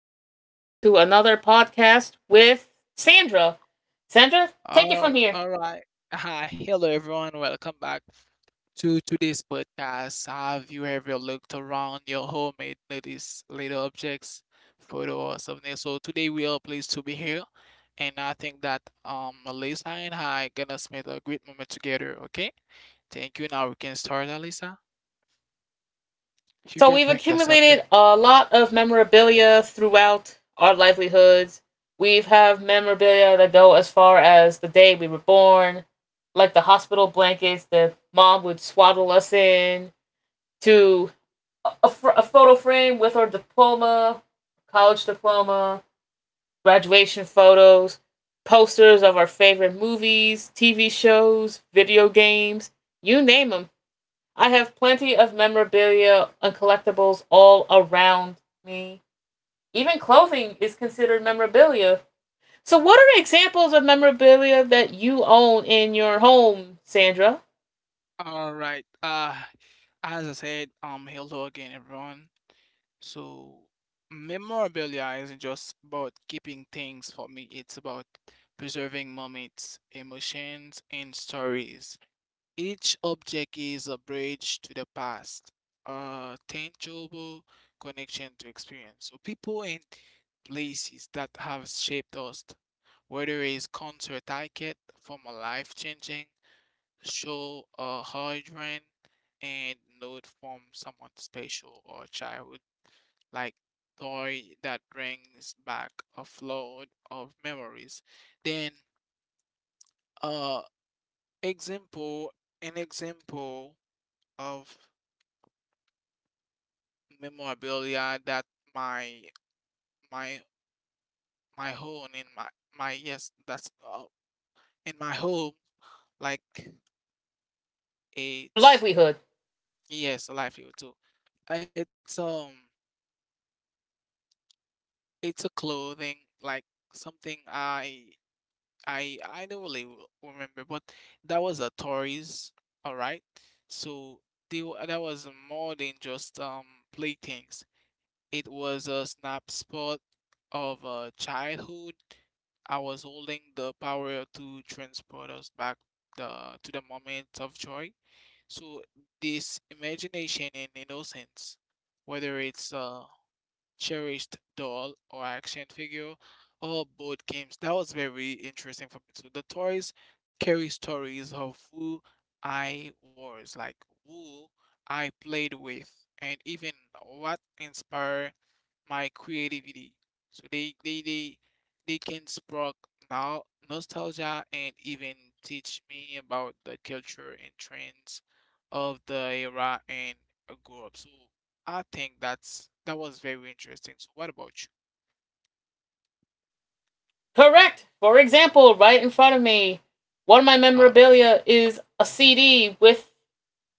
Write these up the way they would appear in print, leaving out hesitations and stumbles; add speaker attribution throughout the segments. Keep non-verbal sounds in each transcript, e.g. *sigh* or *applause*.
Speaker 1: welcome back to another podcast with Sandra. Sandra, take it from
Speaker 2: All,
Speaker 1: here.
Speaker 2: all right. Hi, hello everyone. Welcome back to today's podcast. Have you ever looked around your home and noticed little objects, photo or something? So today we are pleased to be here, and I think that Alyssa and I gonna spend a great moment together. Okay, thank you. Now we can start, Alyssa. You
Speaker 1: So,
Speaker 2: can
Speaker 1: we've
Speaker 2: bring the
Speaker 1: accumulated
Speaker 2: subject.
Speaker 1: a lot of memorabilia throughout our livelihoods. We have memorabilia that go as far as the day we were born, like the hospital blankets that mom would swaddle us in, to a photo frame with our diploma, college diploma, graduation photos, posters of our favorite movies, TV shows, video games, you name them. I have plenty of memorabilia and collectibles all around me. Even clothing is considered memorabilia. So, what are examples of memorabilia that you own in your home, Sandra?
Speaker 2: All right. As I said, hello again, everyone. So, memorabilia isn't just about keeping things for me, it's about preserving moments, emotions, and stories. Each object is a bridge to the past, a tangible connection to experience. So, people and places that have shaped us, whether it's concert ticket from a life changing show a hard and note from someone special or childhood, like toy that brings back a flood of memories. Then, uh, example, an example of memorabilia that my my my home in my yes that's in my home like
Speaker 1: Your
Speaker 2: it's
Speaker 1: livelihood.
Speaker 2: yes livelihood too. It's um It's a clothing, like something I don't really remember, but that was a toys, all right? So that was more than just playthings. It was a snapshot of a childhood. I was holding the power to transport us back the to the moment of joy. So this imagination and innocence, whether it's cherished doll or action figure or board games. That was very interesting for me too. The toys carry stories of who I was, like who I played with, and even what inspired my creativity. So they can spark now nostalgia and even teach me about the culture and trends of the era and I grew up. So I think that's that was very interesting. So what about you?
Speaker 1: Correct. For example, right in front of me, one of my
Speaker 2: All right.
Speaker 1: memorabilia is a CD with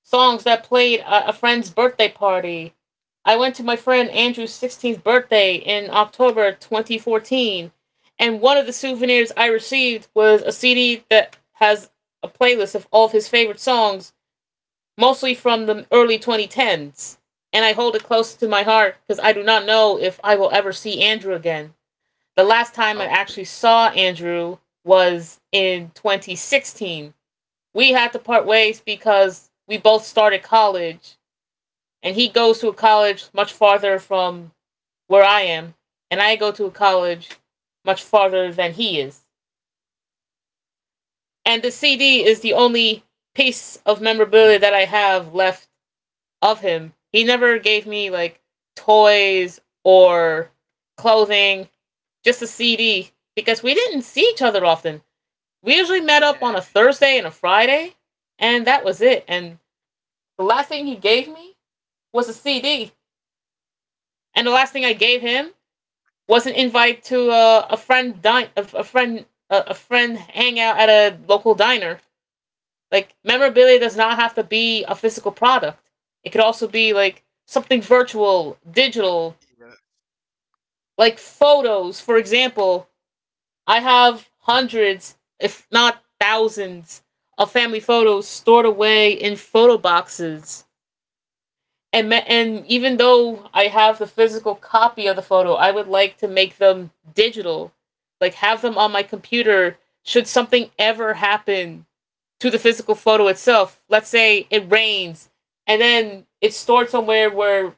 Speaker 1: songs that played at a friend's birthday party. I went to my friend Andrew's 16th birthday in October 2014, and one of the souvenirs I received was a CD that has a playlist of all of his favorite songs, mostly from the early 2010s. And I hold it close to my heart because I do not know if I will ever see Andrew again. The last time I
Speaker 2: Okay.
Speaker 1: actually saw Andrew was in 2016. We had to part ways because we both started college and he goes to a college much farther from where I am, and I go to a college much farther than he is. And the CD is
Speaker 2: Oh,
Speaker 1: the only piece of memorabilia that I have left of him. He never gave me like toys or clothing, just a CD because we didn't see each other often. We usually met up
Speaker 2: yeah.
Speaker 1: on a Thursday and a Friday, and that was it. And the last thing he gave me was a CD. And the last thing I gave him wasn't invited to a friend dine a friend hangout at a local diner. Like memorabilia does not have to be a physical product. It could also
Speaker 2: Sure.
Speaker 1: be like something virtual, digital,
Speaker 2: Yeah.
Speaker 1: like photos. For example, I have hundreds, if not thousands, of family photos stored away in photo boxes and even though I have the physical copy of the photo, I would like to make them digital, like have them on my computer. Should something ever happen to the physical photo itself, let's say it rains, and then it's stored somewhere where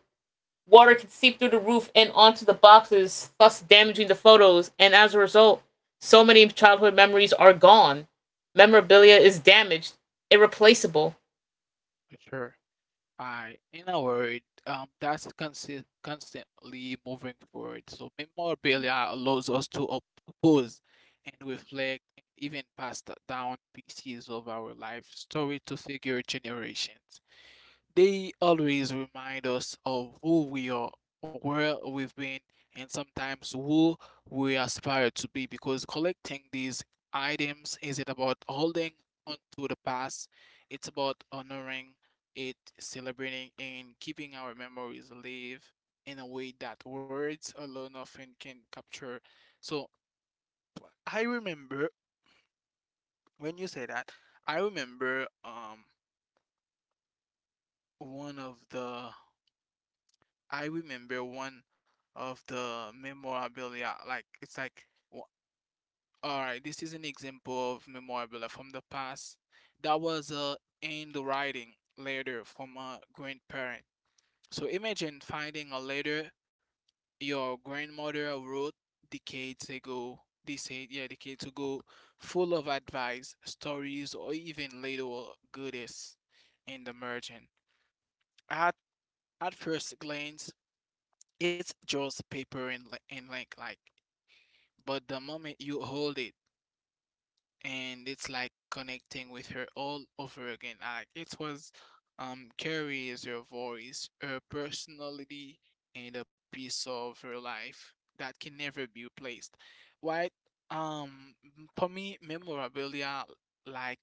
Speaker 1: water can seep through the roof and onto the boxes, thus damaging the photos, and as a result, so many childhood memories are gone. Memorabilia is damaged, irreplaceable.
Speaker 2: Sure. I, in a word, that's consi constantly moving forward. So memorabilia allows us to pause and reflect, and even pass down pieces of our life story to future generations. They always remind us of who we are, where we've been, and sometimes who we aspire to be because collecting these items isn't about holding on to the past, it's about honoring it, celebrating, and keeping our memories alive in a way that words alone often can capture. So I remember when you say that, I remember one of the I remember one of the memorabilia. Like it's like, w- all right, this is an example of memorabilia from the past. That was a handwriting letter from a grandparent. So imagine finding a letter your grandmother wrote decades ago. Decades ago, full of advice, stories, or even little goodies in the margin. At at first glance, it's just paper and like but the moment you hold it and it's like connecting with her all over again like it was carries her voice her personality and a piece of her life that can never be replaced right um for me memorabilia like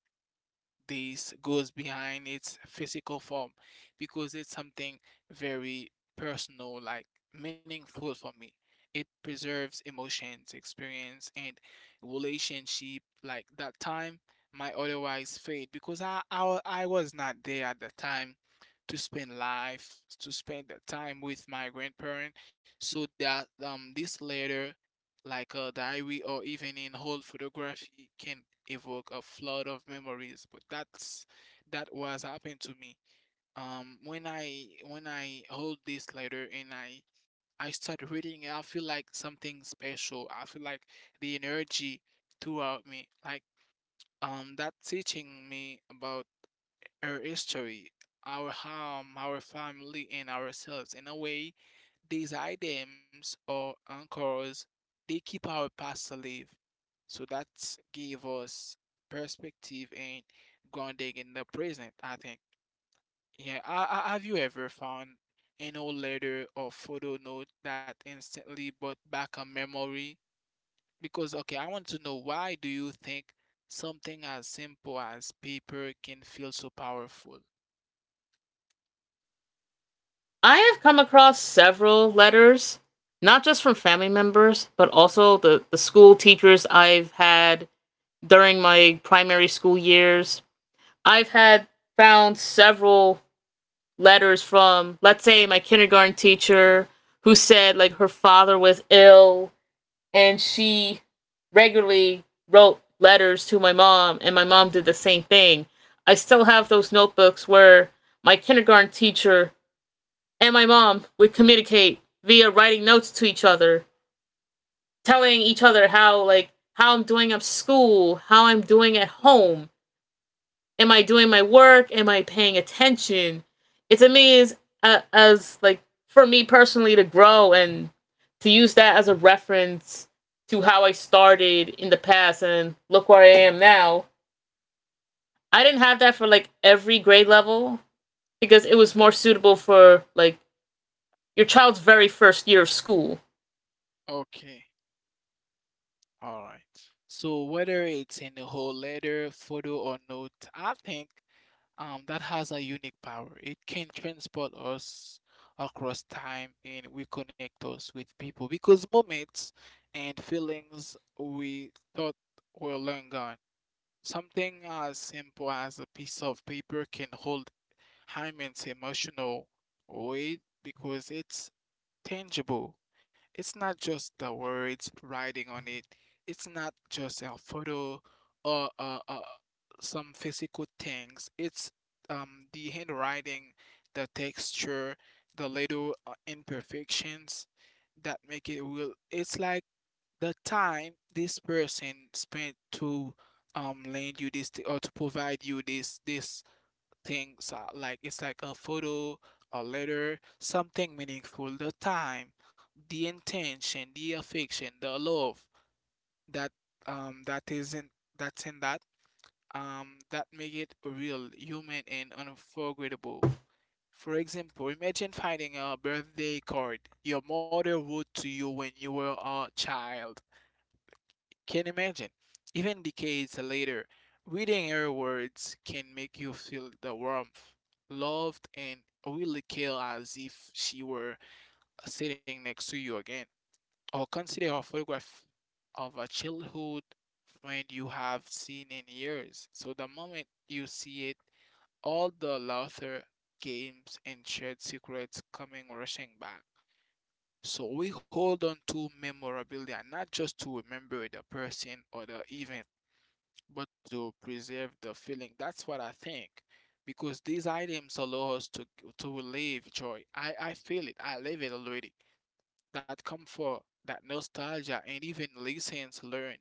Speaker 2: this goes behind its physical form because it's something very personal, like meaningful for me. It preserves emotions, experience, and relationship like that time might otherwise fade because I was not there at the time to spend the time with my grandparent so that this letter like a diary or even in whole photography can evoke a flood of memories but that was happened to me when I hold this letter and I start reading it, I feel like something special I feel like the energy throughout me like that teaching me about our history, our home, our family, and ourselves. In a way, these items or anchors, they keep our past alive. So that give us perspective and grounding in the present, I think. Have you ever found an old letter or photo note that instantly brought back a memory? Because, okay, I want to know why do you think something as simple as paper can feel so powerful?
Speaker 1: I have come across several letters, not just from family members, but also the school teachers I've had during my primary school years. I've had found several letters from, let's say, my kindergarten teacher who said like her father was ill and she regularly wrote letters to my mom and my mom did the same thing. I still have those notebooks where my kindergarten teacher and my mom would communicate via writing notes to each other, telling each other how like how I'm doing at school, how I'm doing at home, am I doing my work, am I paying attention? It to me is, as like for me personally to grow and to use that as a reference to how I started in the past and look where I am now. I didn't have that for like every grade level because it was more suitable for like your child's very first year of school.
Speaker 2: Okay. All right. So whether it's in a whole letter, photo, or note, I think that has a unique power. It can transport us across time and reconnect us with people because moments and feelings we thought were long gone. Something as simple as a piece of paper can hold immense emotional weight because it's tangible. It's not just the words writing on it. It's not just a photo or some physical things. It's the handwriting, the texture, the little imperfections that make it real. It's like the time this person spent to lend you or to provide you this things like it's like a photo, a letter, something meaningful, the time, the intention, the affection, the love that that isn't that's in that that make it real, human and unforgettable. For example, imagine finding a birthday card your mother wrote to you when you were a child can imagine, even decades later, reading her words can make you feel the warmth, loved, and really care as if she were sitting next to you again. Or consider a photograph of a childhood friend you have seen in years. So the moment you see it, all the laughter, games, and shared secrets coming rushing back. So we hold on to memorabilia, not just to remember the person or the event, but to preserve the feeling. That's what I think. Because these items allow us to relieve joy. I feel it. I live it already. That comfort, that nostalgia, and even lessons learned.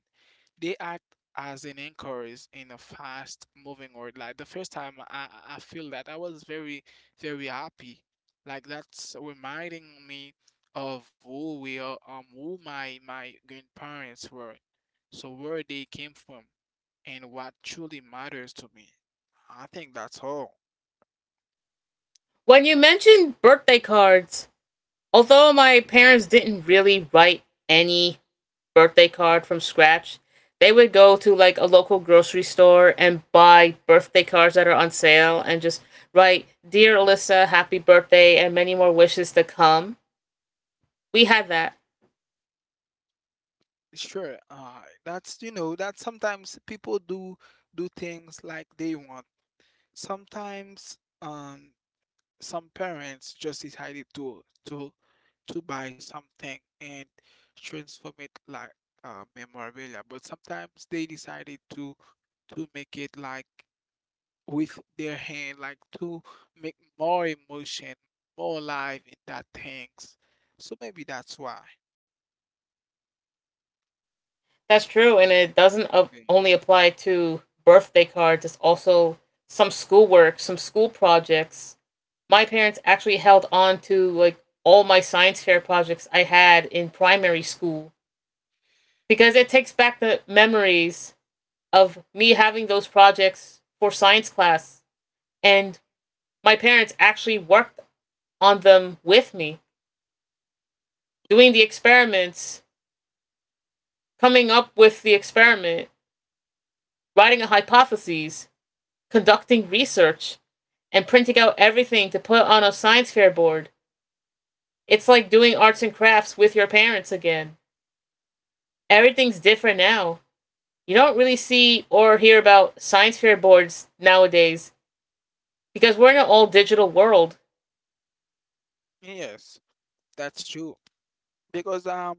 Speaker 2: They act as an anchors in a fast moving world. Like the first time I feel that I was very happy. Like that's reminding me of who we are, who my grandparents were. So where they came from and what truly matters to me. I think that's all.
Speaker 1: When you mentioned birthday cards, although my parents didn't really write any birthday card from scratch, they would go to like a local grocery store and buy birthday cards that are on sale and just write, "Dear Alyssa, happy birthday, and many more wishes to come." We had that.
Speaker 2: Sure, that's you know that sometimes people do things like they want. Sometimes some parents just decided to buy something and transform it like memorabilia, but sometimes they decided to make it like with their hand, like to make more emotion, more life in that things. So maybe that's why.
Speaker 1: That's true, and it doesn't, only
Speaker 2: Yes,
Speaker 1: apply to birthday cards. It's also some schoolwork, some school projects. My parents actually held on to like all my science fair projects I had in primary school because it takes back the memories of me having those projects for science class. And my parents actually worked on them with me, doing the experiments, coming up with the experiment, writing a hypothesis, conducting research, and printing out everything to put on a science fair board. It's like doing arts and crafts with your parents again. Everything's different now. You don't really see or hear about science fair boards nowadays because we're in an all digital world.
Speaker 2: Yes, that's true. Because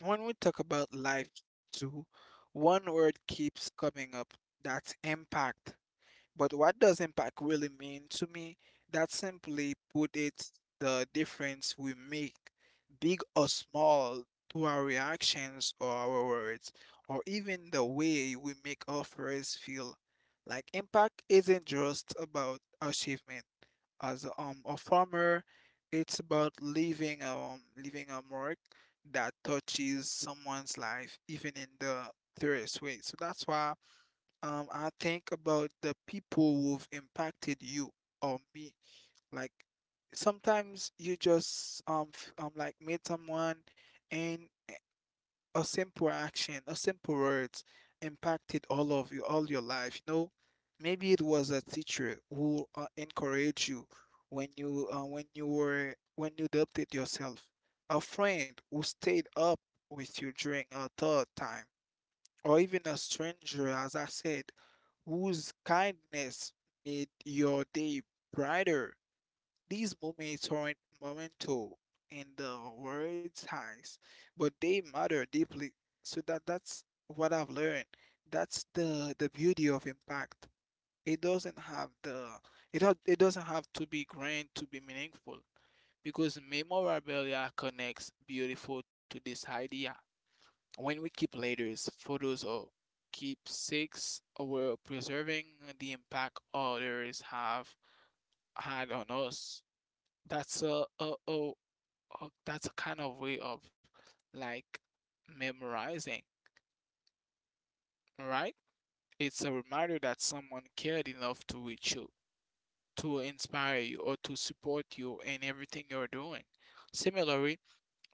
Speaker 2: when we talk about life too, one word keeps coming up. That's impact. But what does impact really mean to me? That simply put it the difference we make, big or small, to our reactions or our words, or even the way we make offers feel. Like impact isn't just about achievement. As a farmer, it's about leaving a mark that touches someone's life, even in the curious way. So that's why I think about the people who've impacted you or me. Like sometimes you just like meet someone and a simple action, a simple words impacted all of you, all your life. You know, maybe it was a teacher who encouraged you when you were when you doubted yourself, a friend who stayed up with you during a tough time, or even a stranger, as I said whose kindness made your day brighter. These moments aren't momental in the world's eyes, but they matter deeply. So that's what I've learned. That's the beauty of impact. It doesn't have it doesn't have to be grand to be meaningful because memorabilia connects beautiful to this idea. When we keep letters, photos, or keepsakes, we're preserving the impact others have had on us. That's a- that's a kind of way of like memorizing, right? It's a reminder that someone cared enough to reach you, to inspire you, or to support you in everything you're doing. Similarly,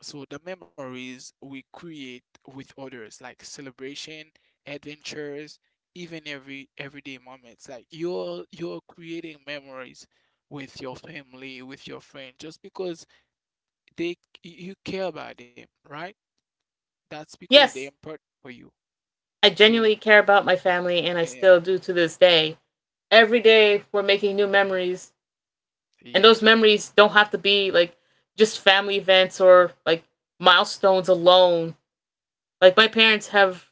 Speaker 2: So the memories we create with others, like celebration, adventures, even every everyday moments. Like you're creating memories with your family, with your friends, just because they you care about them, right? That's because they're
Speaker 1: Yes,
Speaker 2: important for you.
Speaker 1: I genuinely
Speaker 2: So
Speaker 1: care about my family and I
Speaker 2: yeah,
Speaker 1: still do to this day. Every day we're making new memories, and
Speaker 2: yeah.
Speaker 1: those memories don't have to be like just family events or like milestones alone. Like my parents have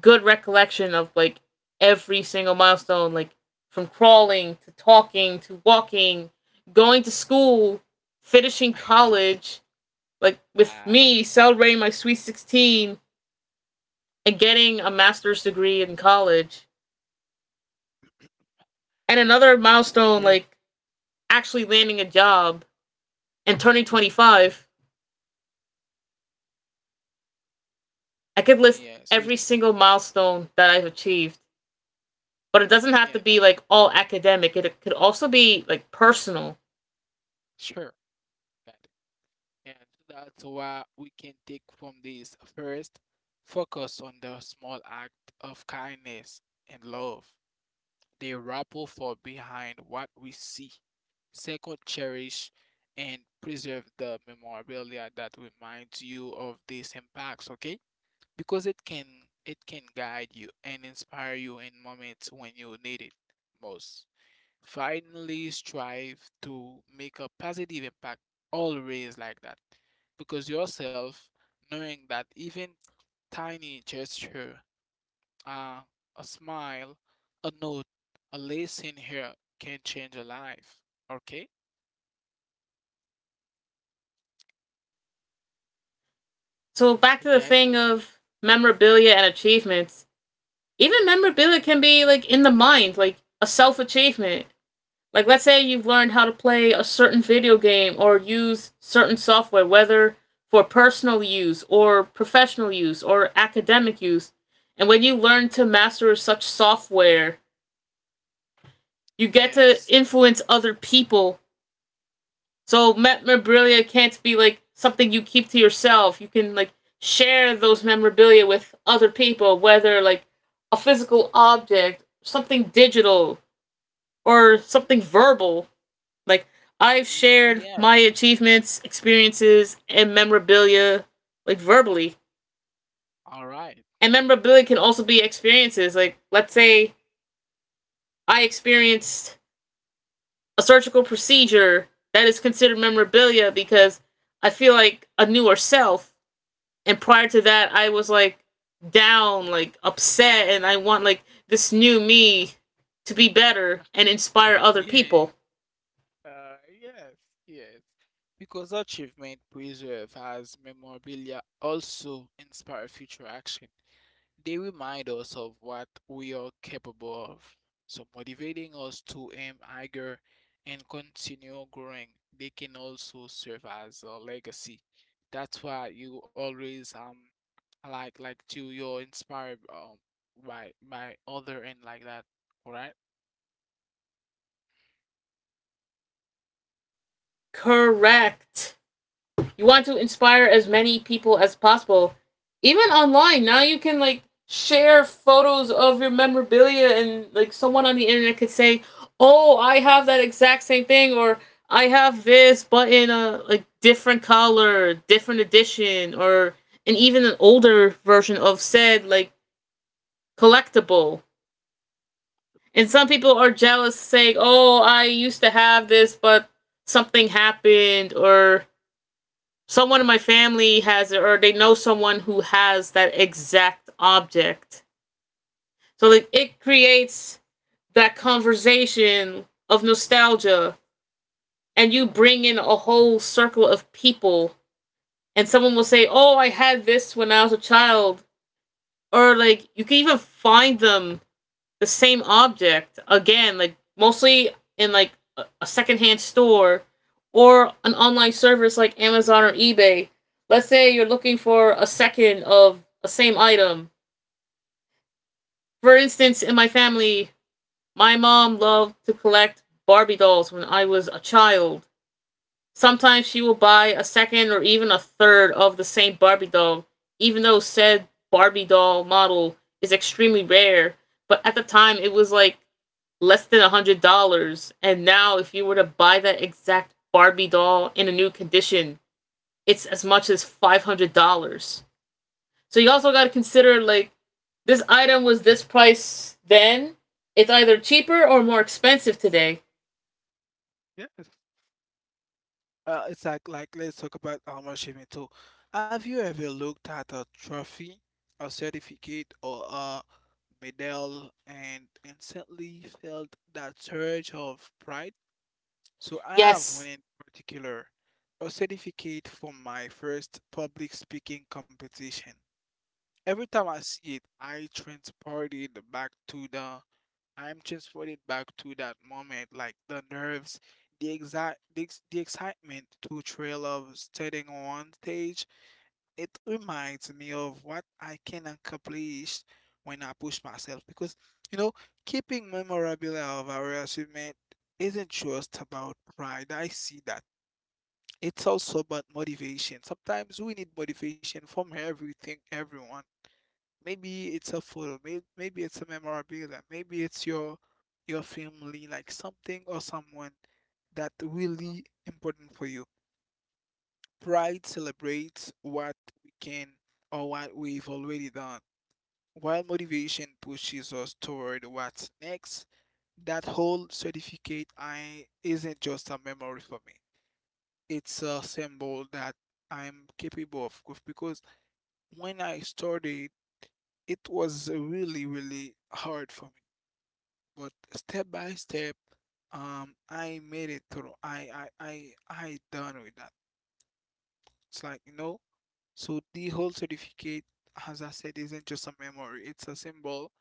Speaker 1: good recollection of like every single milestone, like from crawling to talking to walking, going to school, finishing
Speaker 2: *laughs*
Speaker 1: college, like with
Speaker 2: I
Speaker 1: me celebrating my sweet 16 and getting a master's degree in college. And another
Speaker 2: yes,
Speaker 1: milestone like actually landing a job and turning 25. I could
Speaker 2: Yeah,
Speaker 1: list
Speaker 2: so
Speaker 1: every
Speaker 2: so
Speaker 1: single milestone that I've achieved, but it doesn't
Speaker 2: yeah,
Speaker 1: have to
Speaker 2: that
Speaker 1: be like all academic. It could also be like personal.
Speaker 2: sure. That And so that's why we can take from this. First, focus on the small act of kindness and love. They ripple for behind what we see. Second, cherish and preserve the memorabilia that reminds you of these impacts, okay? Because it can guide you and inspire you in moments when you need it most finally strive to make a positive impact always like that because yourself knowing that even tiny gesture uh, a smile a note a lesson here can change a life okay
Speaker 1: So back
Speaker 2: you
Speaker 1: to the
Speaker 2: get
Speaker 1: thing
Speaker 2: it
Speaker 1: of memorabilia and achievements. Even memorabilia can be like in the mind, like a self achievement. Like let's say you've learned how to play a certain video game or use certain software, whether for personal use or professional use or academic use. And when you learn to master such software, you get to
Speaker 2: yes
Speaker 1: influence other people. So memorabilia can't be like something you keep to yourself. You can like share those memorabilia with other people, whether like a physical object, something digital, or something verbal. Like I've shared
Speaker 2: Yeah
Speaker 1: my achievements, experiences, and memorabilia like verbally.
Speaker 2: all right
Speaker 1: And memorabilia can also be experiences. Like let's say I experienced a surgical procedure that is considered memorabilia because I feel like a newer self. And prior to that, I was like down, like upset, and I want like this new me to be better and inspire
Speaker 2: *laughs*
Speaker 1: other
Speaker 2: yeah
Speaker 1: people.
Speaker 2: yes yes because achievement preserve as memorabilia also inspire future action They remind us of what we are capable of, so motivating us to aim higher and continue growing. They can also serve as a legacy. That's why you always like to you're inspired by other and like that. All right?
Speaker 1: Correct. You want to inspire as many people as possible. Even
Speaker 2: Mm.
Speaker 1: online, now you can like share photos of your memorabilia and like someone on the internet could say, "Oh, I have that exact same thing," or "I have this, but in a like different color, different edition, or and even an older version of said like collectible." And some people are jealous, saying, "Oh, I used to have this, but something happened," or someone in my family has it or they know someone who has that exact object. So like it creates that conversation of nostalgia and you
Speaker 2: Sure.
Speaker 1: bring in a whole circle of people and someone will say, "Oh, I had this when I was a child." Or like you can even find them the same object again, like mostly in like a secondhand store or an online service like Amazon or eBay. Let's say you're looking for a second of a same item. For instance, in my family, my mom loved to collect Barbie dolls when I was a child. Sometimes she will buy a second or even a third of the same Barbie doll, even though said Barbie doll model is extremely rare. But at the time, it was like less than $100. And now, if you were to buy that exact Barbie doll in a new condition, it's as much as $500. So you also got to consider like this item was this price then. It's either cheaper or more expensive today.
Speaker 2: Yes. It's like let's talk about armor achievement too. Have you ever looked at a trophy, a certificate, or a medal and instantly felt that surge of pride? So I have one
Speaker 1: Yes.
Speaker 2: in particular, a certificate from my first public speaking competition. Every time I see it, I transported back to the I'm transported back to that moment, like the nerves, the exact the, ex- the excitement to trail of standing on stage. It reminds me of what I can accomplish when I push myself because you know, keeping memorabilia of our achievement isn't just about pride. I see that. It's also about motivation. Sometimes we need motivation from everything, everyone. Maybe it's a photo, maybe it's a memorabilia, maybe it's your family, like something or someone that really important for you. Pride celebrates what we can or what we've already done, while motivation pushes us toward what's next. That whole certificate I isn't just a memory for me. It's a symbol that I'm capable of because when I started, it was really, really hard for me. But step by step, I made it through. I done with that. It's like you know. So the whole certificate, as I said, isn't just a memory. It's a symbol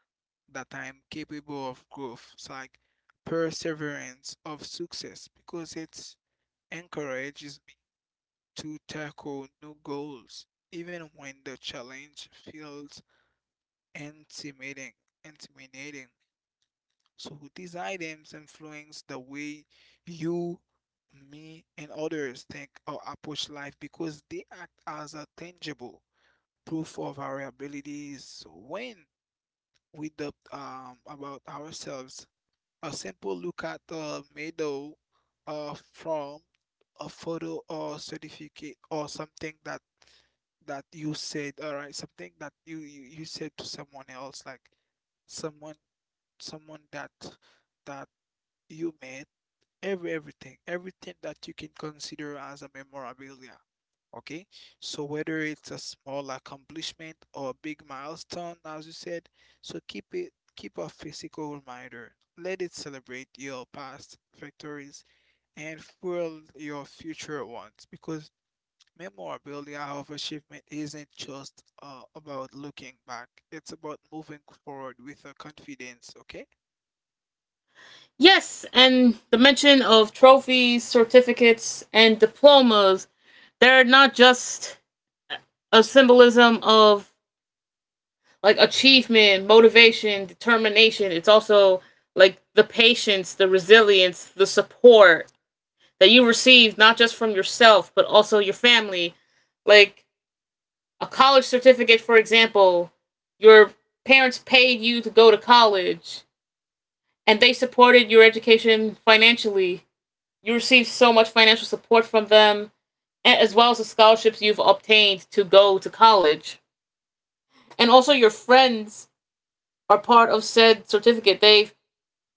Speaker 2: that I am capable of growth. It's like perseverance of success because it encourages me to tackle new goals, even when the challenge feels intimidating. Intimidating. So these items influence the way you, me, and others think or approach life because they act as a tangible proof of our abilities. So when we doubt about ourselves, a simple look at a medal from a photo or certificate or something that you said, all right, something that you said to someone else, like someone someone that you made everything everything that you can consider as a memorabilia, okay? So whether it's a small accomplishment or a big milestone, as you said, so keep a physical reminder, let it celebrate your past victories and fuel your future ones because memorabilia of achievement isn't just about looking back, it's about moving forward with a confidence, okay?
Speaker 1: Yes, and the mention of trophies, certificates, and diplomas, they're not just a symbolism of like achievement, motivation, determination. It's also like the patience, the resilience, the support that you receive not just from yourself but also your family. Like a college certificate, for example, your parents paid you to go to college and they supported your education financially. You received so much financial support from them as well as the scholarships you've obtained to go to college. And also your friends are part of said certificate. They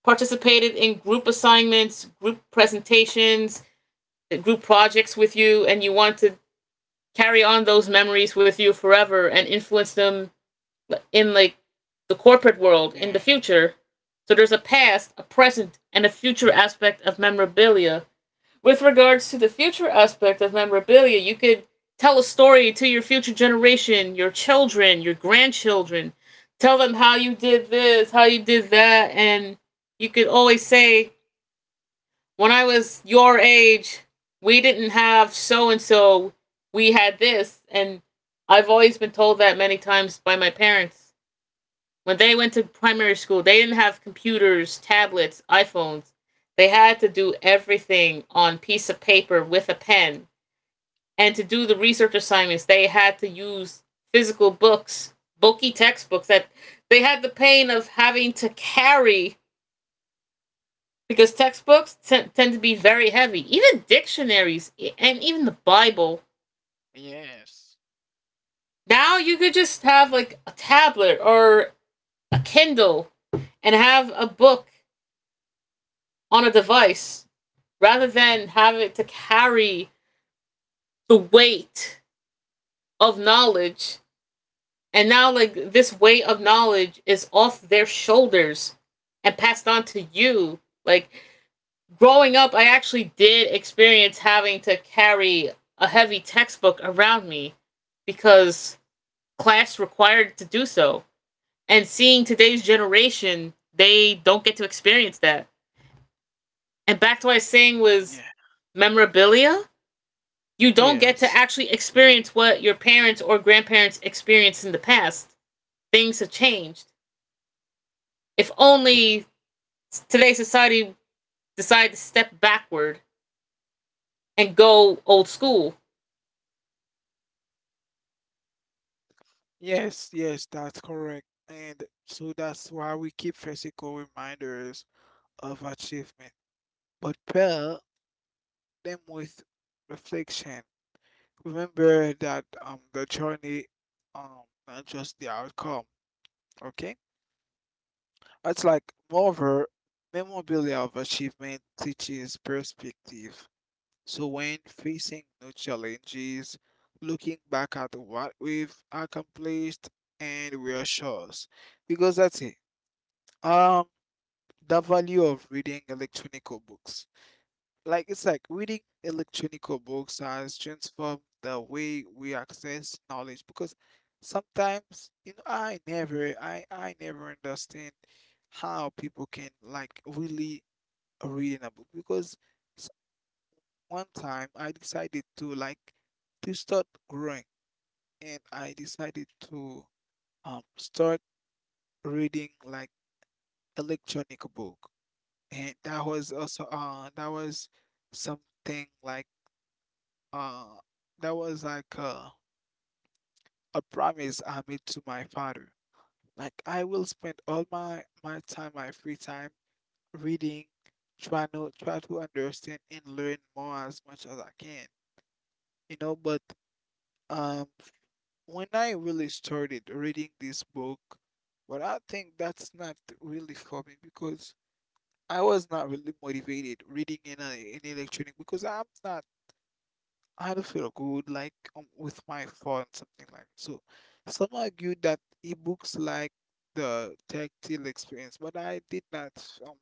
Speaker 1: participated in group assignments, group presentations, group projects with you, and you want to carry on those memories with you forever and influence them in like the corporate world in the
Speaker 2: Yeah.
Speaker 1: future. So there's a past, a present, and a future aspect of memorabilia. With regards to the future aspect of memorabilia, you could tell a story to your future generation, your children, your grandchildren. Tell them how you did this, how you did that, and you could always say, when I was your age, we didn't have so and so, we had this. And I've always been told that many times by my parents. When they went to primary school, they didn't have computers, tablets, iPhones. They had to do everything on piece of paper with a pen. And to do the research assignments, they had to use physical books, bulky textbooks that they had the pain of having to carry because tend to be very heavy. Even dictionaries, and even the Bible.
Speaker 2: Yes.
Speaker 1: Now you could just have like a tablet or a Kindle and have a book on a device rather than have it to carry the weight of knowledge. And now, like, this weight of knowledge is off their shoulders and passed on to you. Like, growing up, I actually did experience having to carry a heavy textbook around me because class required to do so. And seeing today's generation, they don't get to experience that. And back to what I was saying was
Speaker 2: Yeah.
Speaker 1: memorabilia. You don't get
Speaker 2: Yes.
Speaker 1: to actually experience what your parents or grandparents experienced in the past. Things have changed. If only today's society decided to step backward and go old school.
Speaker 2: Yes, yes, that's correct. And so that's why we keep physical reminders of achievement, but pair them with reflection. Remember that the journey, not just the outcome, okay? It's like moreover, memorabilia of achievement teaches perspective. So when facing new challenges, looking back at what we've accomplished and reassures because that's it. Um, the value of reading electronical books. Like it's like reading electronical books has transformed the way we access knowledge because sometimes, you know, I never understand how people can like really reading a book because s- one time I decided to like to start growing and I decided to start reading like electronic book and that was also that was something like uh that was like a promise I made to my father. Like I will spend all my time, my free time reading, try to understand and learn more as much as I can. You know, but um when I really started reading this book, but I think that's not really for me because I was not really motivated reading in in electronic because I'm not I don't feel good like with my phone, something like. So some argue that ebooks like the tactile experience, but I did not um,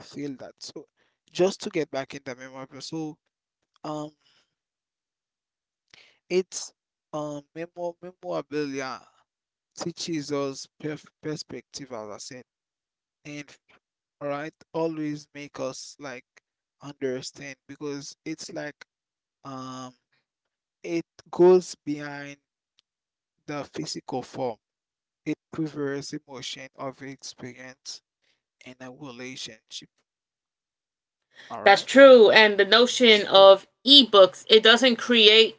Speaker 2: feel that. So just to get back in the memorabilia, so um, it's memorabilia teaches us perf perspective, as I said, and all right, always make us like understand because it's like um it goes behind the physical form. It prefers emotion over experience in a relationship. All right.
Speaker 1: That's true. And the notion
Speaker 2: Sure.
Speaker 1: of ebooks, it doesn't create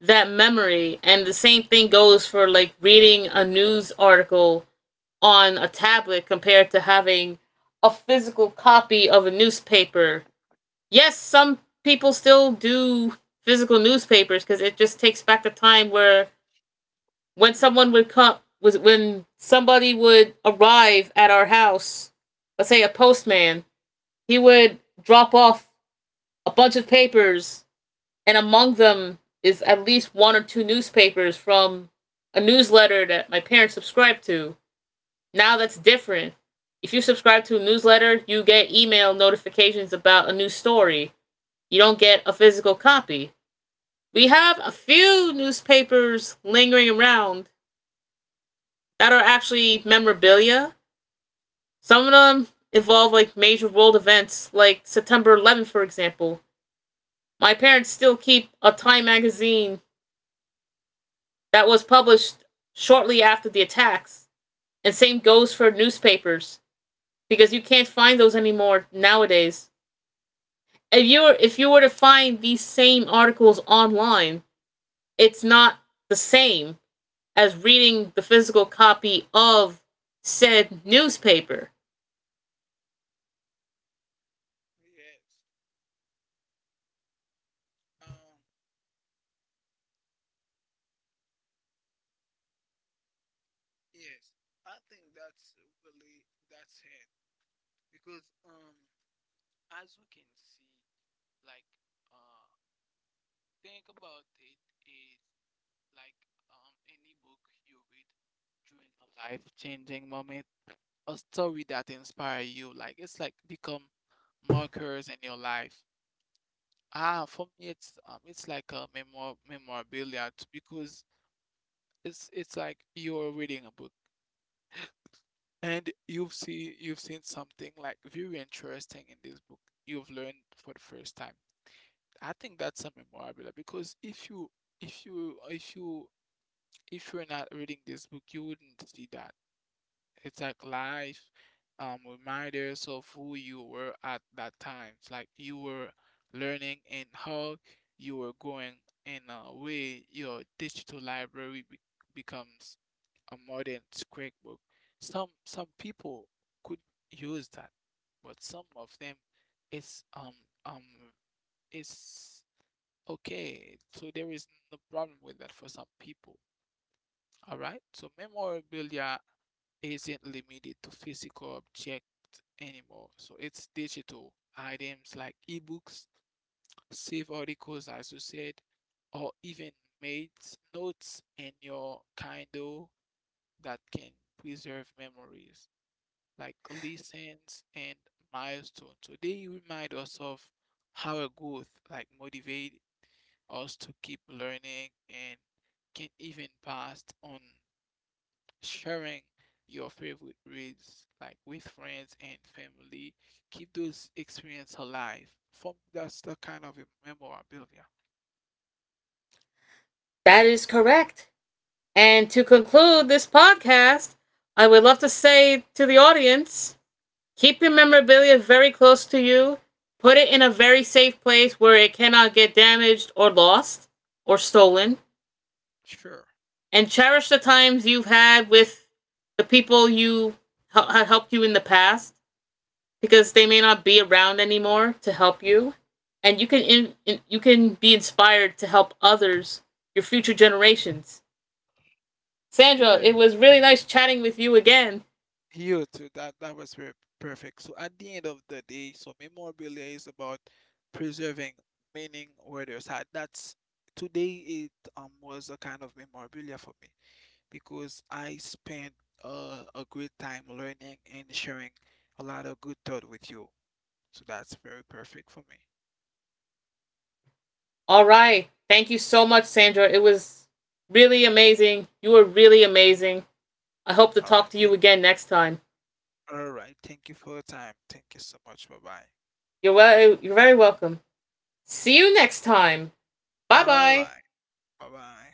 Speaker 1: that memory. And the same thing goes for like reading a news article on a tablet compared to having a physical copy of a newspaper. Yes, some people still do physical newspapers because it just takes back the time where when someone would come was when somebody would arrive at our house, let's say a postman, he would drop off a bunch of papers and among them is at least one or two newspapers from a newsletter that my parents subscribed to. Now that's different. If you subscribe to a newsletter, you get email notifications about a new story. You don't get a physical copy. We have a few newspapers lingering around that are actually memorabilia. Some of them involve like major world events, like September 11th, for example. My parents still keep a Time magazine that was published shortly after the attacks. And same goes for newspapers because you can't find those anymore nowadays. If you were to find these same articles online, it's not the same as reading the physical copy of said newspaper.
Speaker 2: Yes. Um, yes. I think that's really that's it because as we can see like uh think about it is like any book you read during a life-changing moment, a story that inspire you like it's like become markers in your life. Ah, for me, it's like a memorabilia because it's like you're reading a book and you've seen something like very interesting in this book you've learned for the first time. I think that's a memorabilia because if you if you're not reading this book, you wouldn't see that. It's like life, reminders of who you were at that time. It's like you were learning and how you were growing in a way your digital library be becomes a modern scrapbook. Some people could use that, but some of them it's um um it's okay. So there is no problem with that for some people. All right. So memorabilia isn't limited to physical objects anymore. So it's digital items like ebooks, save articles, as you said, or even made notes in your Kindle that can preserve memories like lessons and milestones. So they remind us of our growth, like motivate us to keep learning and can even pass on sharing your favorite reads like with friends and family. Keep those experiences alive. For me, that's the kind of a memorabilia.
Speaker 1: That is correct. And to conclude this podcast, I would love to say to the audience, keep your memorabilia very close to you. Put it in a very safe place where it cannot get damaged or lost or stolen.
Speaker 2: Sure.
Speaker 1: And cherish the times you've had with the people have helped you in the past because they may not be around anymore to help you. And you can, you can be inspired to help others, your future generations. Sandra,
Speaker 2: Yeah.
Speaker 1: it was really nice chatting with you again.
Speaker 2: You too. That was very perfect. So at the end of the day, so memorabilia is about preserving meaning where there's had. That's today it was a kind of memorabilia for me because I spent a great time learning and sharing a lot of good thought with you. So that's very perfect for me.
Speaker 1: All right. Thank you so much, Sandra. It was really amazing. You were really amazing. I hope to
Speaker 2: All right.
Speaker 1: talk to you again next time.
Speaker 2: Thank you for your time. Thank you so much. Bye bye.
Speaker 1: You're very welcome. See you next time. Bye
Speaker 2: All
Speaker 1: bye.
Speaker 2: right. Bye bye.